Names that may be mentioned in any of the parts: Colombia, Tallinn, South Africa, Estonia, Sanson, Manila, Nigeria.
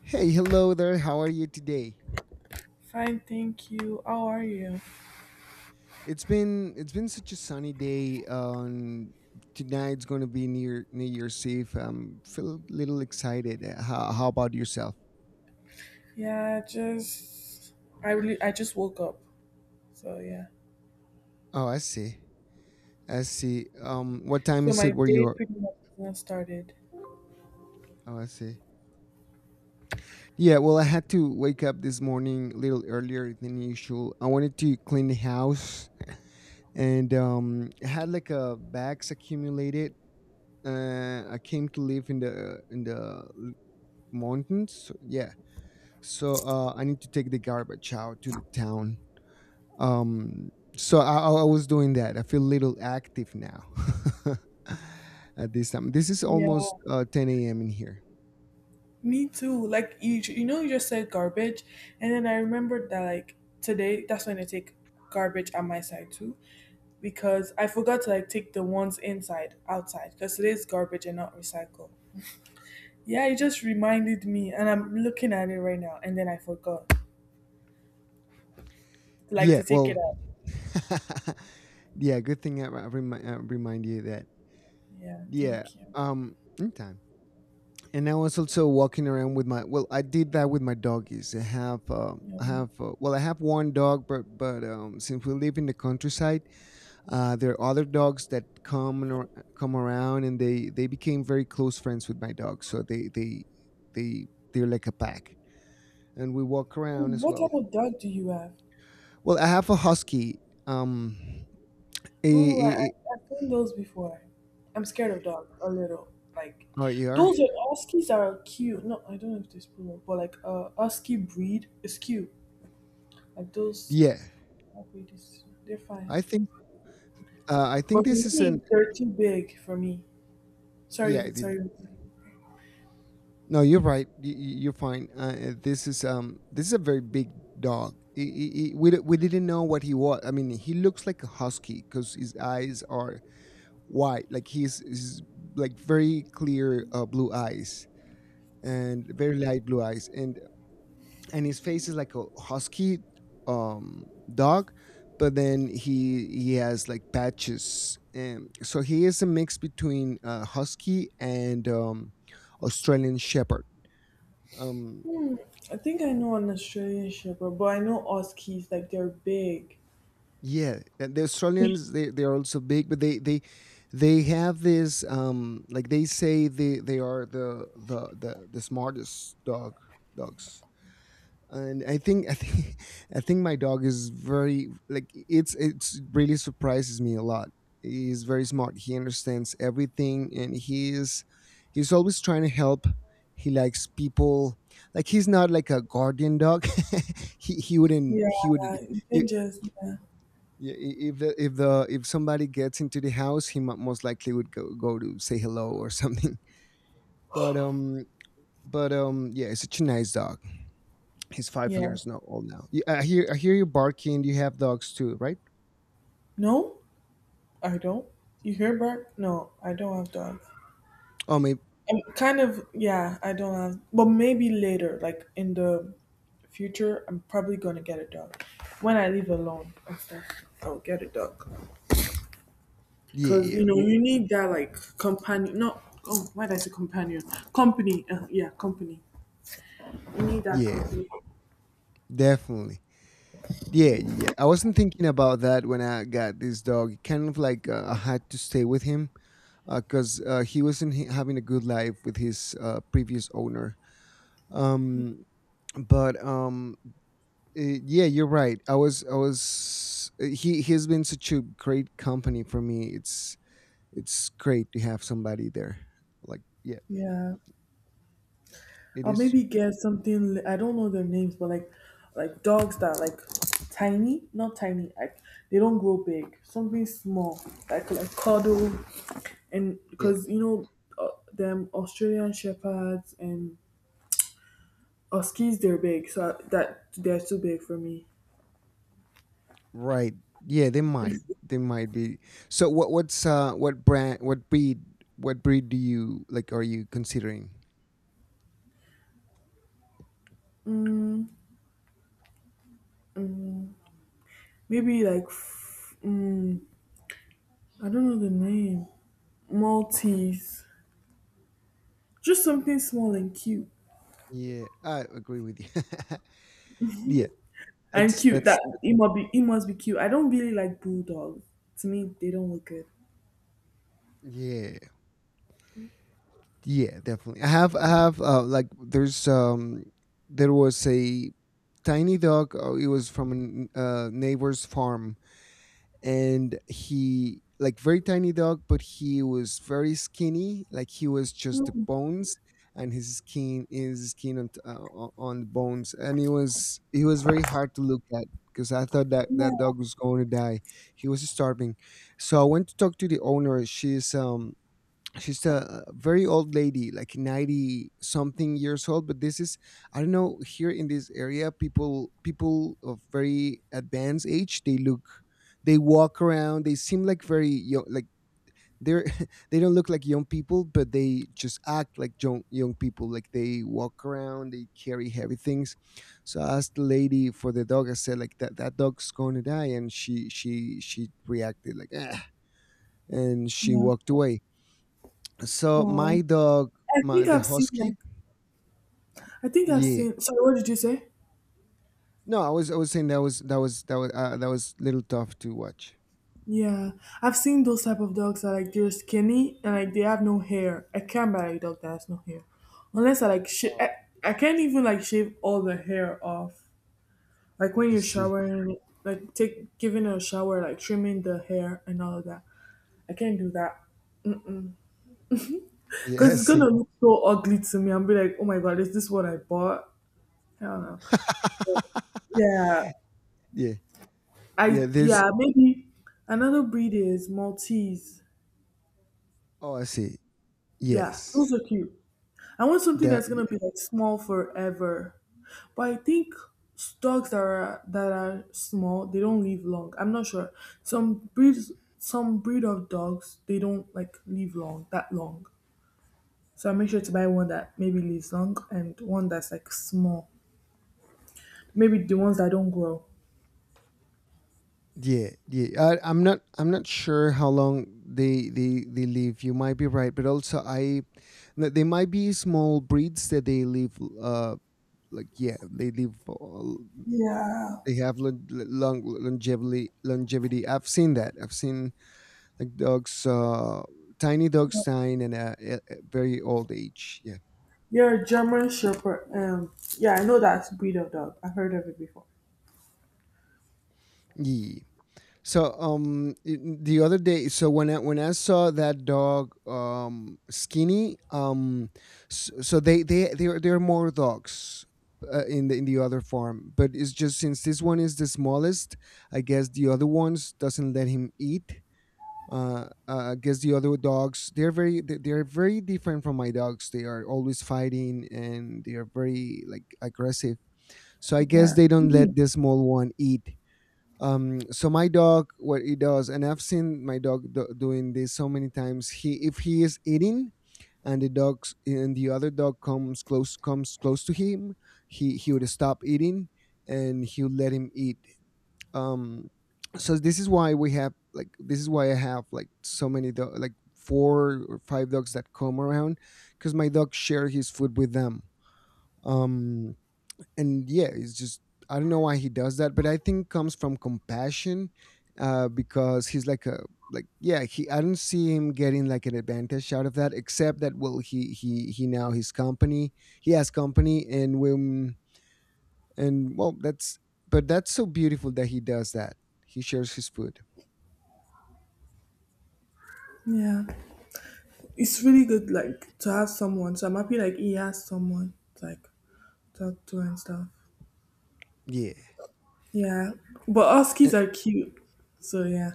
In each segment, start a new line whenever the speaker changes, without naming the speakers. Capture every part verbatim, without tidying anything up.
Hey, hello there. How are you today?
Fine, thank you. How are you?
It's been it's been such a sunny day. Um, tonight's going to be near New Year's Eve. I'm feel a little excited. Uh, How, how about yourself?
Yeah, just I really I just woke up. So yeah.
Oh, I see. I see. Um, what time
So
is
my
it where
day
you're?
pretty much has not started.
Oh, I see. Yeah, well, I had to wake up this morning a little earlier than usual. I wanted to clean the house and um, I had like a bags accumulated. Uh, I came to live in the in the l- mountains. So, yeah, so uh, I need to take the garbage out to the town. Um, so I, I I was doing that. I feel a little active now at this time. This is almost
Yeah.
uh, ten a m in here.
Me too. Like you you know you just said garbage, and then I remembered that, like, today that's when I take garbage on my side too, because I forgot to, like, take the ones inside outside, because today's garbage and not recycle. Yeah, it just reminded me, and I'm looking at it right now, and then I forgot, like,
Yeah,
to take
well,
it out.
yeah, good thing I, I, remi- I remind you that.
Yeah,
Yeah,
thank you.
um, anytime. And I was also walking around with my. Well, I did that with my doggies. I have, um,
Yeah.
I have. Uh, well, I have one dog, but but um, since we live in the countryside. Uh, there are other dogs that come and ar- come around, and they they became very close friends with my dog. So they they they they're like a pack, and we walk around as
What
well.
type of dog do you have?
Well, I have a husky. Um, a,
Oh, I, I-
a, a-
I've seen those before. I'm scared of dogs a little. Like
oh, you are?
those are huskies are cute. No, I don't know if they're poodle, but like uh, husky breed is cute. Like those,
Yeah,
dog breed is? They're fine.
I think uh, I think
But for
this is
me,
an
they're too big for me.
yeah.
Sorry,
It- it-
sorry.
no, you're right. You, you- you're fine. Uh, this is um this is a very big dog. He- he- he- we di- we didn't know what he was. I mean, he looks like a husky because his eyes are white like he's, he's like very clear uh, blue eyes and very light blue eyes and and his face is like a husky um dog, but then he he has like patches, and so he is a mix between uh, husky and um australian shepherd. um
Hmm, I think I know an Australian Shepherd, but I know huskies. Like, they're big.
Yeah, and the Australians they, they are also big, but they they they have this um like they say they they are the the the, the smartest dog dogs. And I think I think I think my dog is very like it's it's really surprises me a lot. He's very smart. He understands everything, and he is he's always trying to help. He likes people. Like he's not like a guardian dog. he he wouldn't
Yeah,
he would
you can just yeah.
yeah, i- if the if the if somebody gets into the house, he mo- most likely would go go to say hello or something. But um, but um, yeah, it's such a nice dog. He's five
Yeah.
years no, old now. Yeah, I hear I hear you barking. You have dogs too, right?
No. I don't. You hear back? No, I don't have dogs.
Oh, maybe
I'm kind of yeah, I don't have, but maybe later, like in the future, I'm probably gonna get a dog. When I live alone and stuff, I'll get a dog.
yeah,
Cause
yeah,
you know,
w-
you need that like companion not oh why did I say companion? Company. Uh, yeah, Company. You need that
yeah,
company.
definitely. Yeah, yeah. I wasn't thinking about that when I got this dog. Kind of like uh, I had to stay with him because uh, 'cause, uh, he wasn't h- having a good life with his uh, previous owner. Um, but um Uh, yeah, you're right. I was, I was. Uh, He he's been such a great company for me. It's it's great to have somebody there. Like, yeah,
Yeah.
it
Or
is true.
maybe get something. I don't know their names, but like, like dogs that are like tiny, not tiny. Like, they don't grow big. Something small, like like cuddle, and
Yeah,
because you know uh, them Australian shepherds and huskies, they're big. So that they're too big for me.
right. Yeah, they might, they might be. So, what what's uh what brand, what breed, what breed do you like? Are you considering?
Mm, maybe like, f- mm, I don't know the name. Maltese, just something small and cute.
Yeah, I agree with you. yeah,
And
that's
cute.
that's
That it must be it must be cute. I don't really like bulldogs. To me, they don't look good.
yeah. Yeah, definitely. I have, I have, uh, like, there's, um, there was a tiny dog. Uh, it was from a n- uh, neighbor's farm, and he, like, very tiny dog, but he was very skinny. Like, he was just the
Mm,
bones, and his skin is skin on, t- uh, o- on the bones, and he was, he was very hard to look at because I thought that
yeah,
that dog was going to die. He was starving, so I went to talk to the owner. She's, um, she's a uh, very old lady like ninety something years old, but this is, I don't know, here in this area, people people of very advanced age, they look they walk around, they seem like very young, like they're they don't look like young people, but they just act like young young people, like they walk around, they carry heavy things. So I asked the lady for the dog. I said, like, that that dog's going to die, and she she she reacted like ah, and she
yeah.
walked away. So my
Oh,
dog,
I
my
think
the
I've seen
husky.
like I think I've
Yeah.
seen. Sorry, what did you say?
No, I was I was saying that was that was that was uh, that was little tough to watch.
Yeah, I've seen those type of dogs that, like, they're skinny and, like, they have no hair. I can't buy a dog that has no hair, unless I like sh-
Oh,
I, I can't even, like, shave all the hair off. Like, when
I
you're
see.
showering, like, take giving a shower, like trimming the hair and all of that. I can't do that.
Yeah,
Because
I
it's gonna
see.
look so ugly to me. And be like, oh my god, is this what I bought? I don't know. Yeah,
yeah,
I
yeah. There's.
yeah maybe another breed is Maltese.
Oh, I see.
Yeah,
Yes.
those are cute. I want something
That.
that's gonna be like small forever, but I think s- dogs that are that are small, they don't live long. I'm not sure. Some breeds, some breed of dogs, they don't like live long that long. So I make sure to buy one that maybe lives long and one that's like small. Maybe the ones that don't grow.
Yeah, yeah. I, I'm not. I'm not sure how long they they they live. You might be right, but also, I, no, they might be small breeds that they live. Uh, like yeah, they live. All
Yeah.
They have lon- long longevity. Longevity. I've seen that. I've seen like dogs, uh, tiny dogs dying in a, a a very old age. Yeah.
You're a German Shepherd. Um, yeah, I know that breed of dog. I've heard of it before.
Yeah. So um i- the other day, so when I when I saw that dog um skinny um s- so they they they are, they are more dogs uh, in the in the other farm, but it's just since this one is the smallest, I guess the other ones doesn't let him eat, uh, uh, against the other dogs. They're very they- they're very different from my dogs. They are always fighting, and they are very like aggressive. So I guess
Yeah.
they don't
Mhm.
let the small one eat. Um, so my dog, what he does, and I've seen my dog do- doing this so many times. He if he is eating and the dogs and the other dog comes close comes close to him, he he would stop eating and he would let him eat um so this is why we have like this is why I have like so many do- like four or five dogs that come around because my dog share his food with them. um and yeah, it's just I don't know why he does that, but I think comes from compassion, uh because he's like a like yeah he I don't see him getting like an advantage out of that, except that well he he he now his company, he has company. And when and well that's But that's so beautiful that he does that. He shares his food.
Yeah. It's really good, like, to have someone. So I'm happy, like, he has someone to, like, talk to and stuff.
Yeah.
Yeah. But
A-
huskies are cute. So, yeah.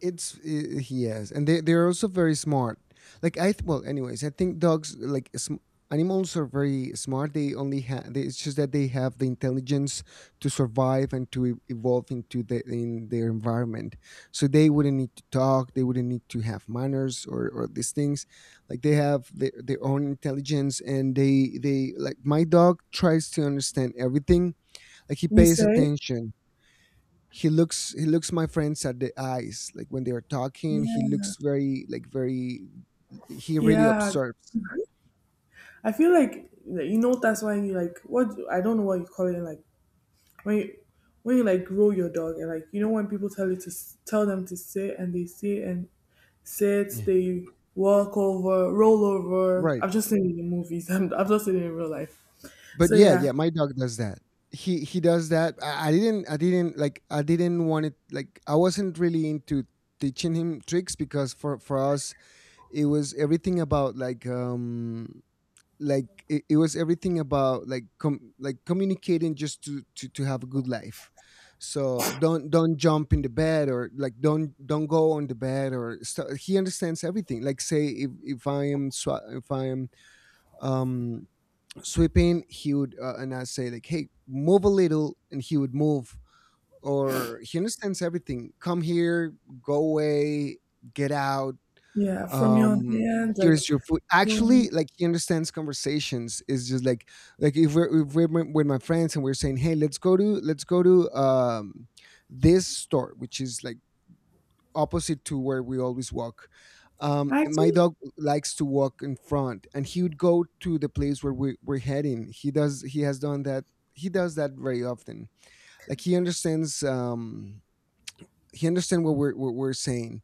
it's uh, he and they, they're also very smart. Like i th- well, anyways, I think dogs like sm- animals are very smart. They only have they, it's just that they have the intelligence to survive and to e- evolve into the in their environment, so they wouldn't need to talk, they wouldn't need to have manners or or these things. Like they have their, their own intelligence, and they they like my dog tries to understand everything. Like he
You
pays
say?
attention. He looks he looks my friends at the eyes like when they are talking. He
Yeah.
looks very like very, he really
Yeah.
observes.
I feel like, like, you know, that's why you, like, what, I don't know what you call it, like, when you, when you like grow your dog, and like, you know, when people tell you to s- tell them to sit and they sit and Sets,
Yeah,
they walk over, roll over.
right,
I've just seen it in movies. I'm, I've not seen it in real life. So
but yeah
yeah,
yeah my dog does that. He he does that. I, I didn't i didn't like I didn't want it, like I wasn't really into teaching him tricks, because for for us it was everything about like um like it, it was everything about like com- like communicating just to, to to have a good life. So don't don't jump in the bed, or like don't don't go on the bed or st- he understands everything. Like say if if i am swa- if I am um sweeping, he would uh, and I say like hey move a little, and he would move. Or he understands everything: come here, go away, get out.
yeah. From your
um
hand,
Here's
like,
your food.
um,
Actually, like he understands conversations. It's just like like if we're, if we're with with my friends and we're saying hey let's go to let's go to um this store, which is like opposite to where we always walk. Um
I
and my
think
dog likes to walk in front, and he would go to the place where we, we're heading. He does he has done that. He does that very often. Like he understands um he understands what we're, what we're saying.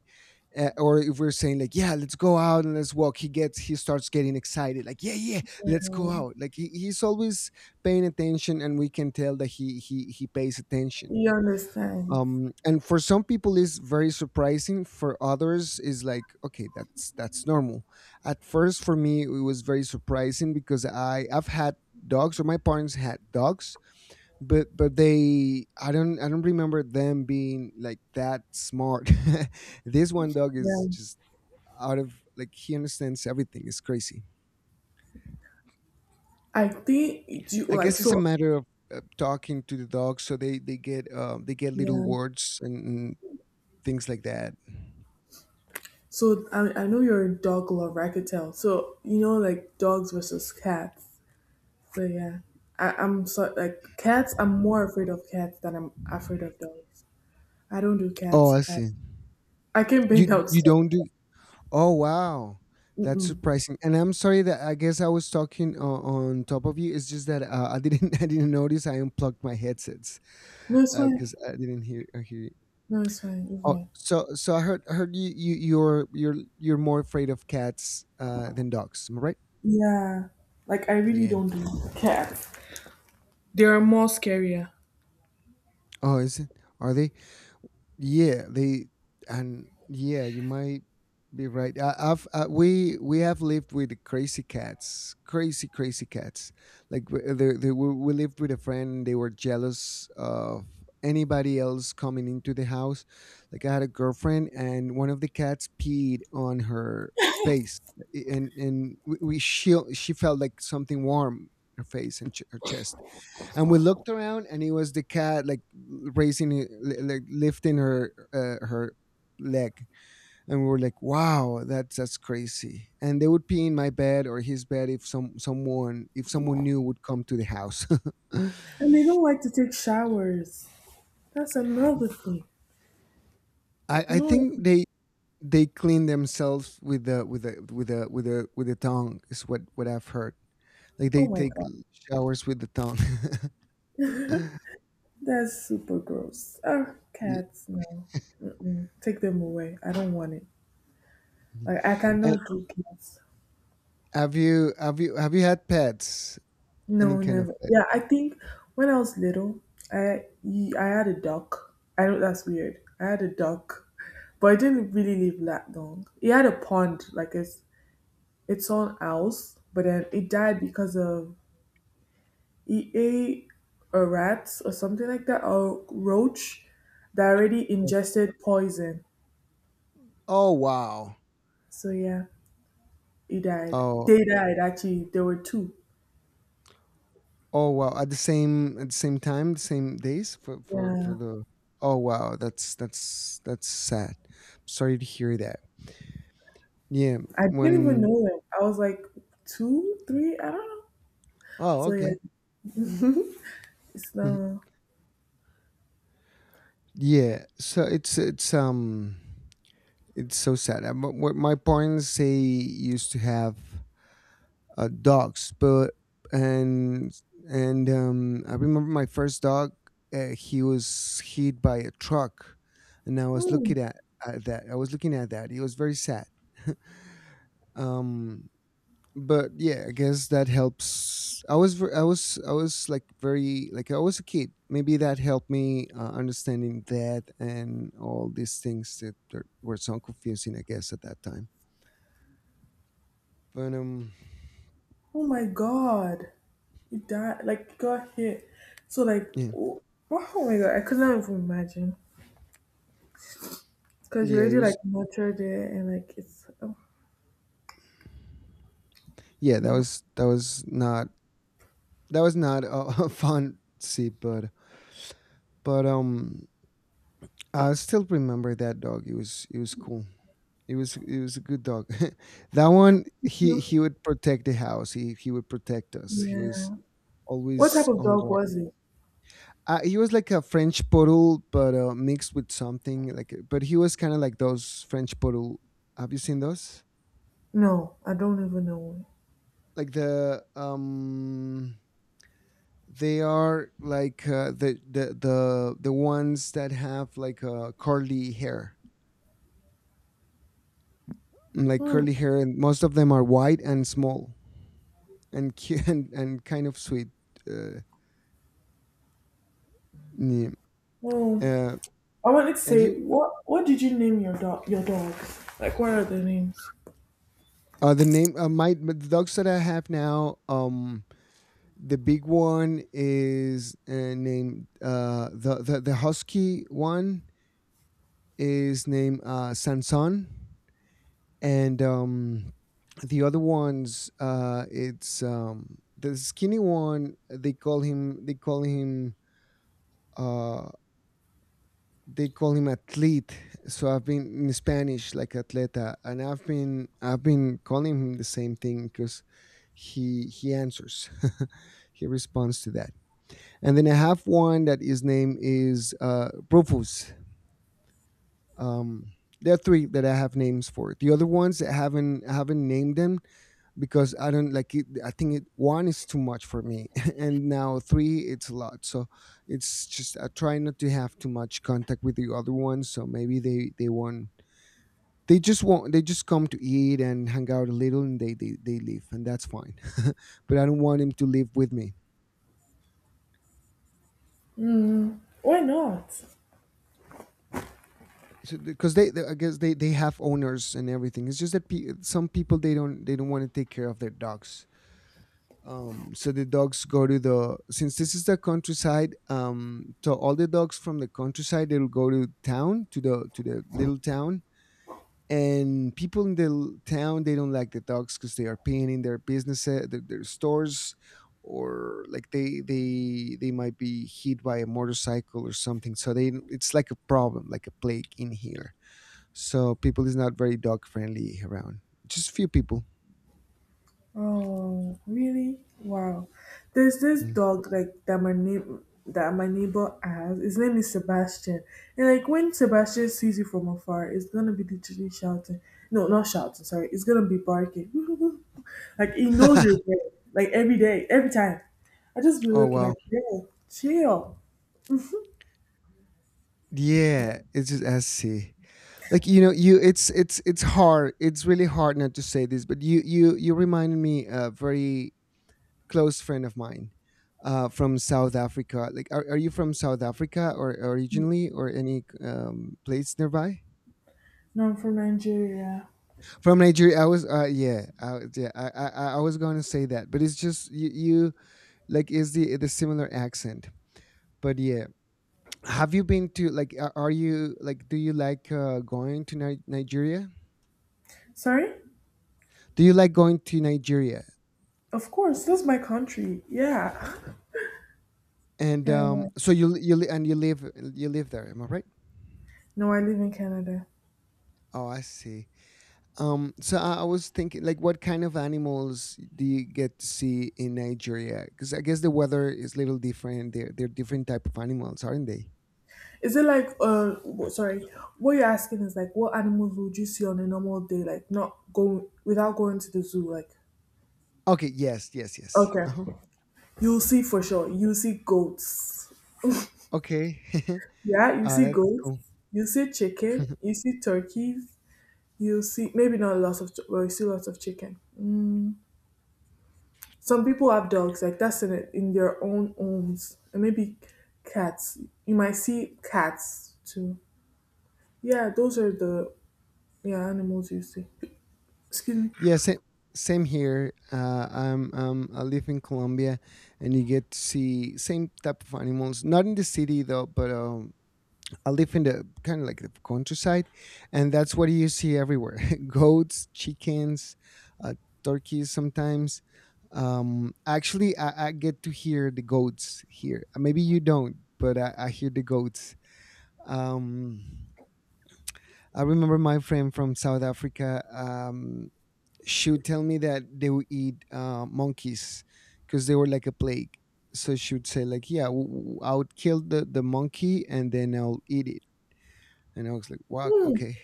uh, Or if we're saying like yeah let's go out and let's walk, he gets he starts getting excited like yeah yeah let's go
yeah,
out. Like he, he's always paying attention, and we can tell that he he he pays attention.
you understand.
Um and for some people it's very surprising, for others is like okay that's that's normal. At first for me it was very surprising, because i i've had dogs, or my parents had dogs, but but they, i don't I don't remember them being like that smart. This one dog
Yeah,
is just out of like he understands everything. It's crazy.
I think do you
I
like
guess it's a
so.
matter of uh, talking to the dog So they they get um they get little
Yeah.
words and, and things like that.
So I I know you're a dog lover. I could tell. So you know, like, dogs versus cats. So yeah, I, I'm so like cats. I'm more afraid of cats than I'm afraid of dogs. I don't do
Oh,
cats.
I
I,
see.
I can bend
you
out
you
stuff.
don't do? Oh wow. That's
Mm-mm.
surprising, and I'm sorry that I guess I was talking on, on top of you. It's just that uh, I didn't, I didn't notice I unplugged my headsets
No, it's fine.
because I didn't hear, uh, hear
No, it's fine. It's
Oh,
fine.
so so I heard I heard you you you're you're you're more afraid of cats uh than dogs, am I right?
Yeah, like, I really
Yeah.
don't do cats. They are more scarier,
Oh, is it? Are they? Yeah, they and yeah, you might be right. I, I've uh we we have lived with crazy cats, crazy, crazy cats. Like w- they, they we, we lived with a friend. They were jealous of anybody else coming into the house. Like I had a girlfriend, and one of the cats peed on her face, and and we, we she she felt like something warm in her face and ch- her chest. And we looked around, and it was the cat, like, raising it- li- like lifting her uh, her leg. And we were like, wow, that's that's crazy. And they would pee in my bed or his bed if some someone if someone new would come to the house.
and they don't like to take showers. That's another thing.
i
They
i
don't. Like
think
to-
they they clean themselves with the with the with the with the with the tongue is what what I've heard. Like they
oh my
take
god,
showers with the tongue.
that's super gross. Ah,
Y-
cats, no. Mm-mm. Take them away. I don't want it. Like, I
and
cannot do cats.
have you have you have you had pets? Any
No,
kind of
never.
pet?
Yeah, I think when I was little, I y- I had a duck. I know that's weird. I had a duck, but it didn't really live that long. It had a pond, like it's its own house, but then it died because of it ate a rat or something like that, or roach that already ingested poison.
Oh wow.
So yeah, he died.
Oh
They died actually. There were two.
oh wow. At the same at the same time, the same days for for
Yeah,
for the. Oh wow. That's that's that's sad. Sorry to hear that. Yeah.
I didn't even
When?
know them. I was like two, three. I don't know.
Oh,
So yeah.
okay.
Islam.
Yeah. So it's it's um it's so sad. Uh, But what my parents, they used to have uh, dogs, but. And and um, I remember my first dog. Uh, he was hit by a truck, and I was
Oh,
looking at, at that. I was looking at that. It was very sad. um, but yeah, I guess that helps. I was ver- I was, I was like very, like, I was a kid. Maybe that helped me, uh, understanding that, and all these things that are, were so confusing. I guess at that time. But um,
oh my God. He died, like, he got hit. So, like,
yeah,
oh, oh my God, I could not even imagine. Because you
yeah, it
already, like,
was...
nurtured it, and, like, it's, oh,
yeah, that
yeah.
was that was not that was not a, a fun sip, but. but um, I still remember that dog. It was it was cool. It was it was a good dog. That one, he
No,
he would protect the house. He he would protect us. He was
yeah. What type
always
of
on
dog
guard.
was it?
Uh, he was like a French poodle, but uh, mixed with something, like. But he was kind of like those French poodle. Have you seen those?
No, I don't even know.
Like the um they are like, uh, the, the the the ones that have, like, uh, curly hair, like
Hmm.
curly hair, and most of them are white and small and cute and, and kind of sweet. Uh, yeah.
Oh,
uh,
I wanted to
and
say,
you
what what did you name your dog? Your dogs? Like, what are the names?
uh, The name, uh, my the dogs that I have now. Um, the big one is, uh, named, uh, the, the the husky one is named, uh, Sanson, and um the other ones, uh it's um the skinny one, they call him they call him uh they call him athlete. So I've been, in Spanish, like, atleta, and i've been I've been calling him the same thing because he he answers. He responds to that. And then I have one that his name is uh Rufus. um there are three that I have names for. The other ones, i haven't I haven't named them, because I don't like it. I think, it, one is too much for me, and now three, it's a lot. So it's just I try not to have too much contact with the other ones. So maybe they they won't. They just want they just come to eat and hang out a little, and they they, they leave, and that's fine. But I don't want them to live with me.
Mm. Why not?
So because they, they I guess they they have owners and everything. It's just that pe- some people, they don't they don't want to take care of their dogs. Um, so the dogs go to the Since this is the countryside, um, so all the dogs from the countryside, they'll go to town, to the to the little town. And people in the l- town, they don't like the dogs because they are paying in their businesses, their, their stores. Or like, they they they might be hit by a motorcycle or something, so they it's like a problem, like a plague in here. So people is not very dog friendly around, just few people.
Oh, really? Wow. There's this
Mm.
dog like that my neighbor that my neighbor has. His name is Sebastian. And like, when Sebastian sees you from afar, it's gonna be literally shouting. No, not shouting, sorry. It's gonna be barking. Like, he knows you're there. Like, every day, every time. I just be
Oh
looking
wow.
like, yeah, chill.
Yeah, it's just S C. Like, you know, you it's it's it's hard. It's really hard not to say this, but you you you reminded me a very close friend of mine, uh, from South Africa. Like, are, are you from South Africa, or originally, or any, um, place nearby?
No, I'm from Nigeria.
From Nigeria, I was. Uh, yeah, I, yeah. I, I I was going to say that, but it's just you, you, like, is the the similar accent. But yeah, have you been to, like? a- Are you like? Do you like uh, going to Ni- Nigeria?
Sorry?
Do you like going to Nigeria?
Of course, that's my country. Yeah.
And,
Yeah.
um, so you you li- and you live you live there. Am I right?
No, I live in Canada.
Oh, I see. Um, so I, I was thinking, like, what kind of animals do you get to see in Nigeria? Because I guess the weather is a little different. They're they're different type of animals, aren't they?
Is it like uh w- sorry, what you're asking is like, what animals would you see on a normal day, like not going without going to the zoo, like
Okay. Yes. Yes. Yes.
okay.
Uh-huh.
You'll see for sure. You see goats.
Okay.
Yeah, you
Uh,
see
that's
goats.
cool.
You see chicken. You see turkeys. You see maybe not lots of tur- well, you see lots of chicken. Some people have dogs, like that's in it in their own homes. And maybe cats. You might see cats too. Yeah, those are the yeah animals you see. Excuse me.
Yeah, same, same here. Uh, I'm, um, I live in Colombia, and you get to see same type of animals. Not in the city though, but um, I live in the, kind of like, the countryside, and that's what you see everywhere: goats, chickens, uh, turkeys. Sometimes, um, actually, I, I get to hear the goats here. Uh, Maybe you don't, but I, I hear the goats. Um, I remember my friend from South Africa. Um, she would tell me that they would eat, uh, monkeys, because they were like a plague. So she would say, like, "Yeah, w- w- I would kill the the monkey, and then I'll eat it." And I was like, "Wow,
Hmm.
okay,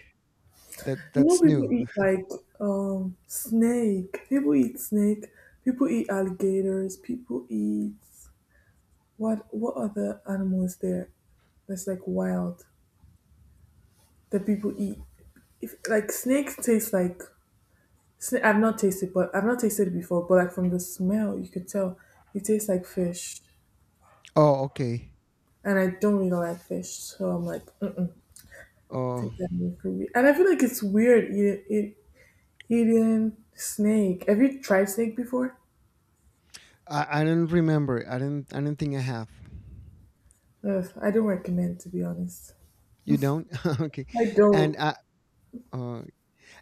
that
You know,
that's new."
people eat like um snake. People eat snake. People eat alligators. People eat what? What other animal is there that's like wild that people eat? If like, snake tastes like snake, I've not tasted, but I've not tasted it before. But like, from the smell, you could tell it tastes like fish,
Oh, okay.
and I don't really like fish, so I'm like, mm
Oh,
take that away from me. And I feel like it's weird eating, eat, eating snake. Have you tried snake before?
I, I don't remember. I don't I don't think I have.
Ugh, I don't recommend, to be honest.
You don't? Okay.
I don't.
And I uh,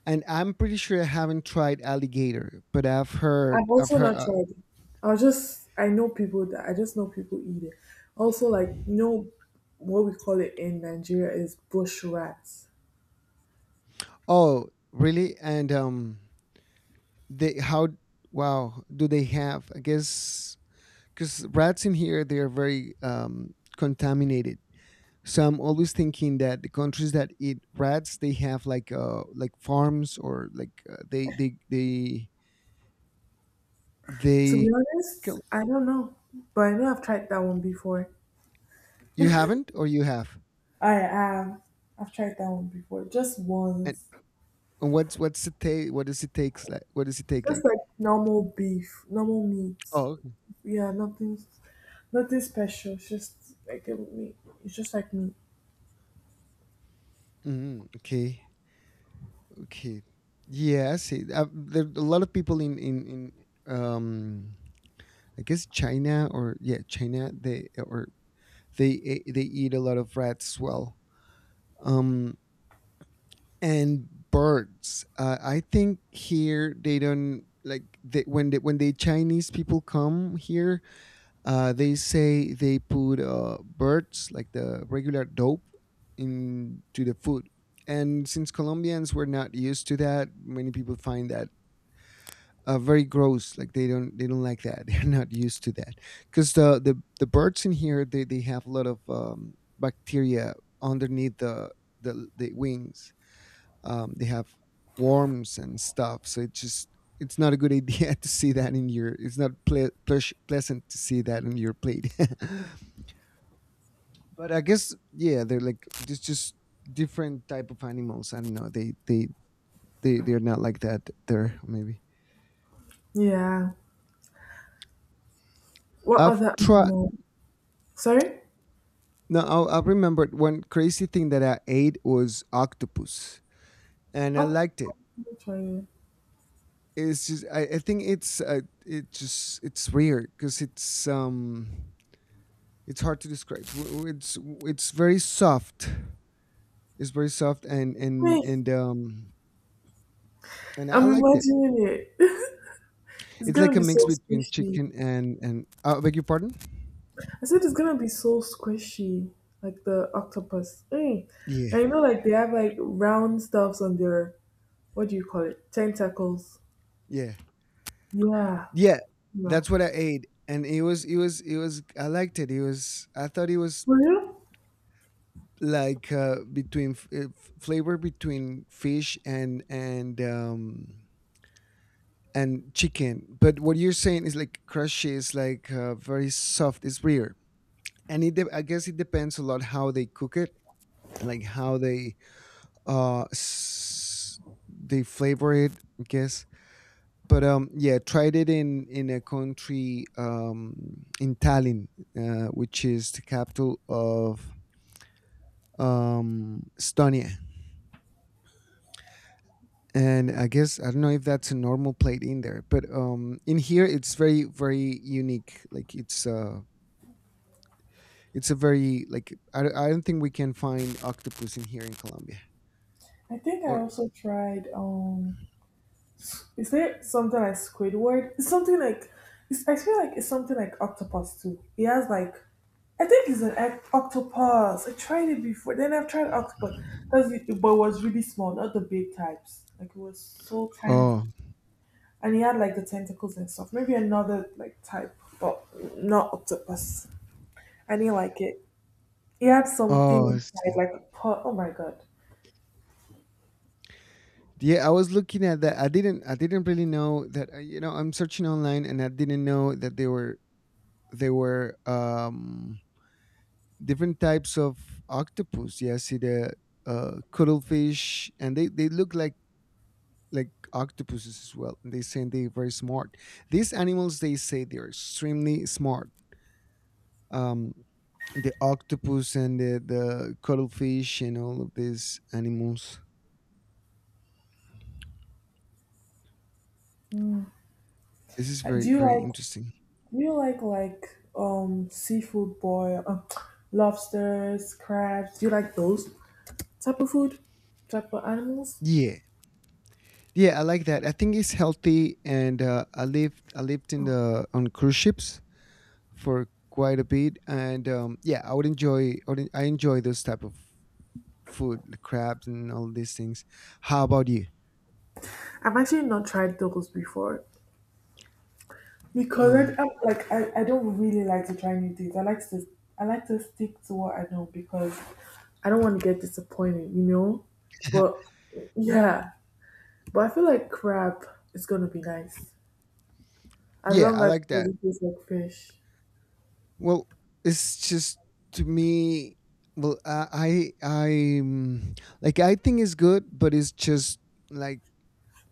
and I'm pretty sure I haven't tried alligator, but I've heard
I've
I've
also
heard.
not
Uh,
tried it. I just, I know people that, I just know people eat it. Also, like, you know, what we call it in Nigeria is bush rats.
oh, really? And, um, they how wow, do they have? I guess because rats in here, they are very, um, contaminated. So I'm always thinking that the countries that eat rats, they have, like, uh like farms, or like, uh, they they they
To be
they
honest,
kill.
I don't know. But I know I've tried that one before.
You haven't or you have?
I am. I've tried that one before. Just
And,
once.
and what's what's it take? What does it takes like? What does it take
Just
like?
like normal beef, normal meat.
Oh, okay.
Yeah, nothing nothing special. It's just like a meat. It's just like meat.
Mm, okay, okay. Yeah, I see. Uh, there a lot of people in in in um, I guess China, or yeah, China, they or they eh, they eat a lot of rats, well, um and birds, uh, I think here they don't, like they, when they, when the Chinese people come here, uh they say they put, uh birds, like the regular dope, into the food. And since Colombians were not used to that, many people find that, uh, very gross. Like they don't they don't like that. They're not used to that because the, the the birds in here, they they have a lot of, um, bacteria underneath the the, the wings. Um, they have worms and stuff. So it just it's not a good idea to see that in your. It's not ple- pleas- pleasant to see that in your plate. But I guess, yeah, they're like, it's just different type of animals. I don't know. They they they they're not like that there, maybe.
Yeah. What
I've
other
tried
animal? Sorry?
No, I, I remembered one crazy thing that I ate was octopus, and I
What?
liked it.
Wait,
It's just I, I think it's, uh, it just it's weird because it's, um it's hard to describe. W- w- It's it's very soft. It's very soft, and and and um and I
I'm
liked it.
imagining it. It's
It's like
gonna
a
be
mix
so
between
squishy.
chicken and, and uh, beg your pardon.
I said it's gonna be so squishy, like the octopus. Mm.
Yeah,
And you know, like they have like round stuffs on their what do you call it? Tentacles.
yeah,
Yeah.
yeah.
No.
That's what I ate, and it was it was it was, I liked it. It was, I thought it was
For real?
like, uh, between f- uh, f- flavor between fish and, and um and chicken. But what you're saying is, like, crushy, is like, uh, very soft. It's rare, and it de- I guess it depends a lot how they cook it, like how they, uh s- they flavor it, I guess. But um yeah, tried it in in a country, um in Tallinn, uh, which is the capital of, um Estonia. And I guess I don't know if that's a normal plate in there, but um, in here it's very, very unique. Like it's uh, it's a very, like, I, I don't think we can find octopus in here in Colombia.
I think I
Or...
also tried. Um, is there something like Squidward? It's something like. It's, I feel like it's something like octopus too. It has like I think it's an oct- octopus. I tried it before. Then I've tried octopus. That's it, but it was really small, not the big types. Like, it was so tiny,
oh,
and he had like the tentacles and stuff. Maybe another like type, but not octopus. I didn't like it. He had something
oh I
inside,
see.
like a pot. Oh my god!
Yeah, I was looking at that. I didn't I didn't really know that. uh, You know, I'm searching online, and I didn't know that they were they were, um different types of octopus. Yeah, I see the, uh cuttlefish, and they they look like like octopuses as well. And they say they're very smart. These animals, they say they're extremely smart. Um, the octopus and the, the cuttlefish and all of these animals. This is
Uh,
very,
Do you
very
like
interesting.
do you like like um seafood boil, um, lobsters, crabs? Do you like those type of food, type of animals?
Yeah, yeah, I like that. I think it's healthy, and uh, I lived I lived in the, on cruise ships for quite a bit, and um, yeah, I would enjoy I, would, I enjoy those type of food, the crabs and all these things. How about you?
I've actually not tried those before. Because
Um,
correct. I'm, like I, I don't really like to try new things. I like to I like to stick to what I know, because I don't want to get disappointed, you know? But yeah. But I feel like crab is gonna be nice. As
yeah,
long
I
as
like
it
that.
doesn't taste like fish.
Well, it's just to me. Well, I I I'm, like, I think it's good, but it's just, like,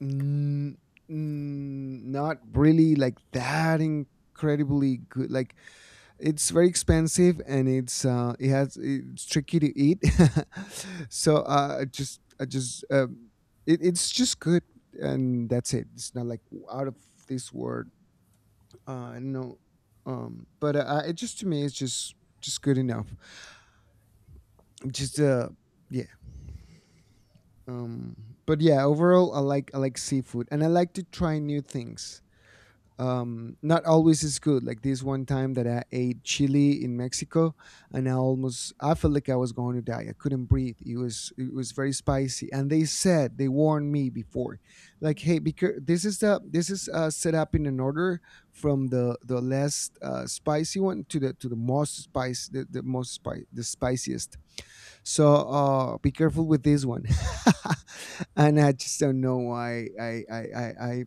n- n- not really like that incredibly good. Like it's very expensive, and it's uh it has it's tricky to eat. So, uh, I just I just, um, it, it's just good, and that's it. It's not like, out of this world, uh, no, um, but, uh, I- it, just to me it's just, just good enough. Just, uh, yeah. Um, but yeah, overall I like I like seafood, and I like to try new things. Um not always is good, like this one time that I ate chili in Mexico, and i almost I felt like I was going to die. I couldn't breathe. It was it was very spicy, and they said they warned me before, like, hey, because this is the this is, uh set up in an order from the the less, uh spicy one to the to the most spice, the, the most spice the spiciest, so, uh be careful with this one. And I just don't know why i i i, I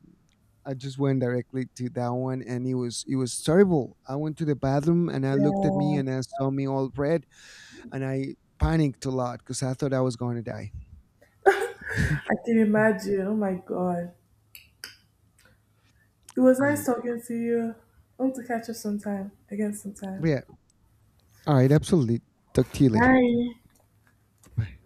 I just went directly to that one, and it was it was terrible. I went to the bathroom, and I looked at me,
Yeah.
and I saw me all red, and I panicked a lot because I thought I was going to die.
I can imagine. Oh my god. It was
Yeah,
nice talking to you. Hope to catch up sometime. Again
but
sometime.
yeah. All right, absolutely. Talk to you later.
Bye.
Bye.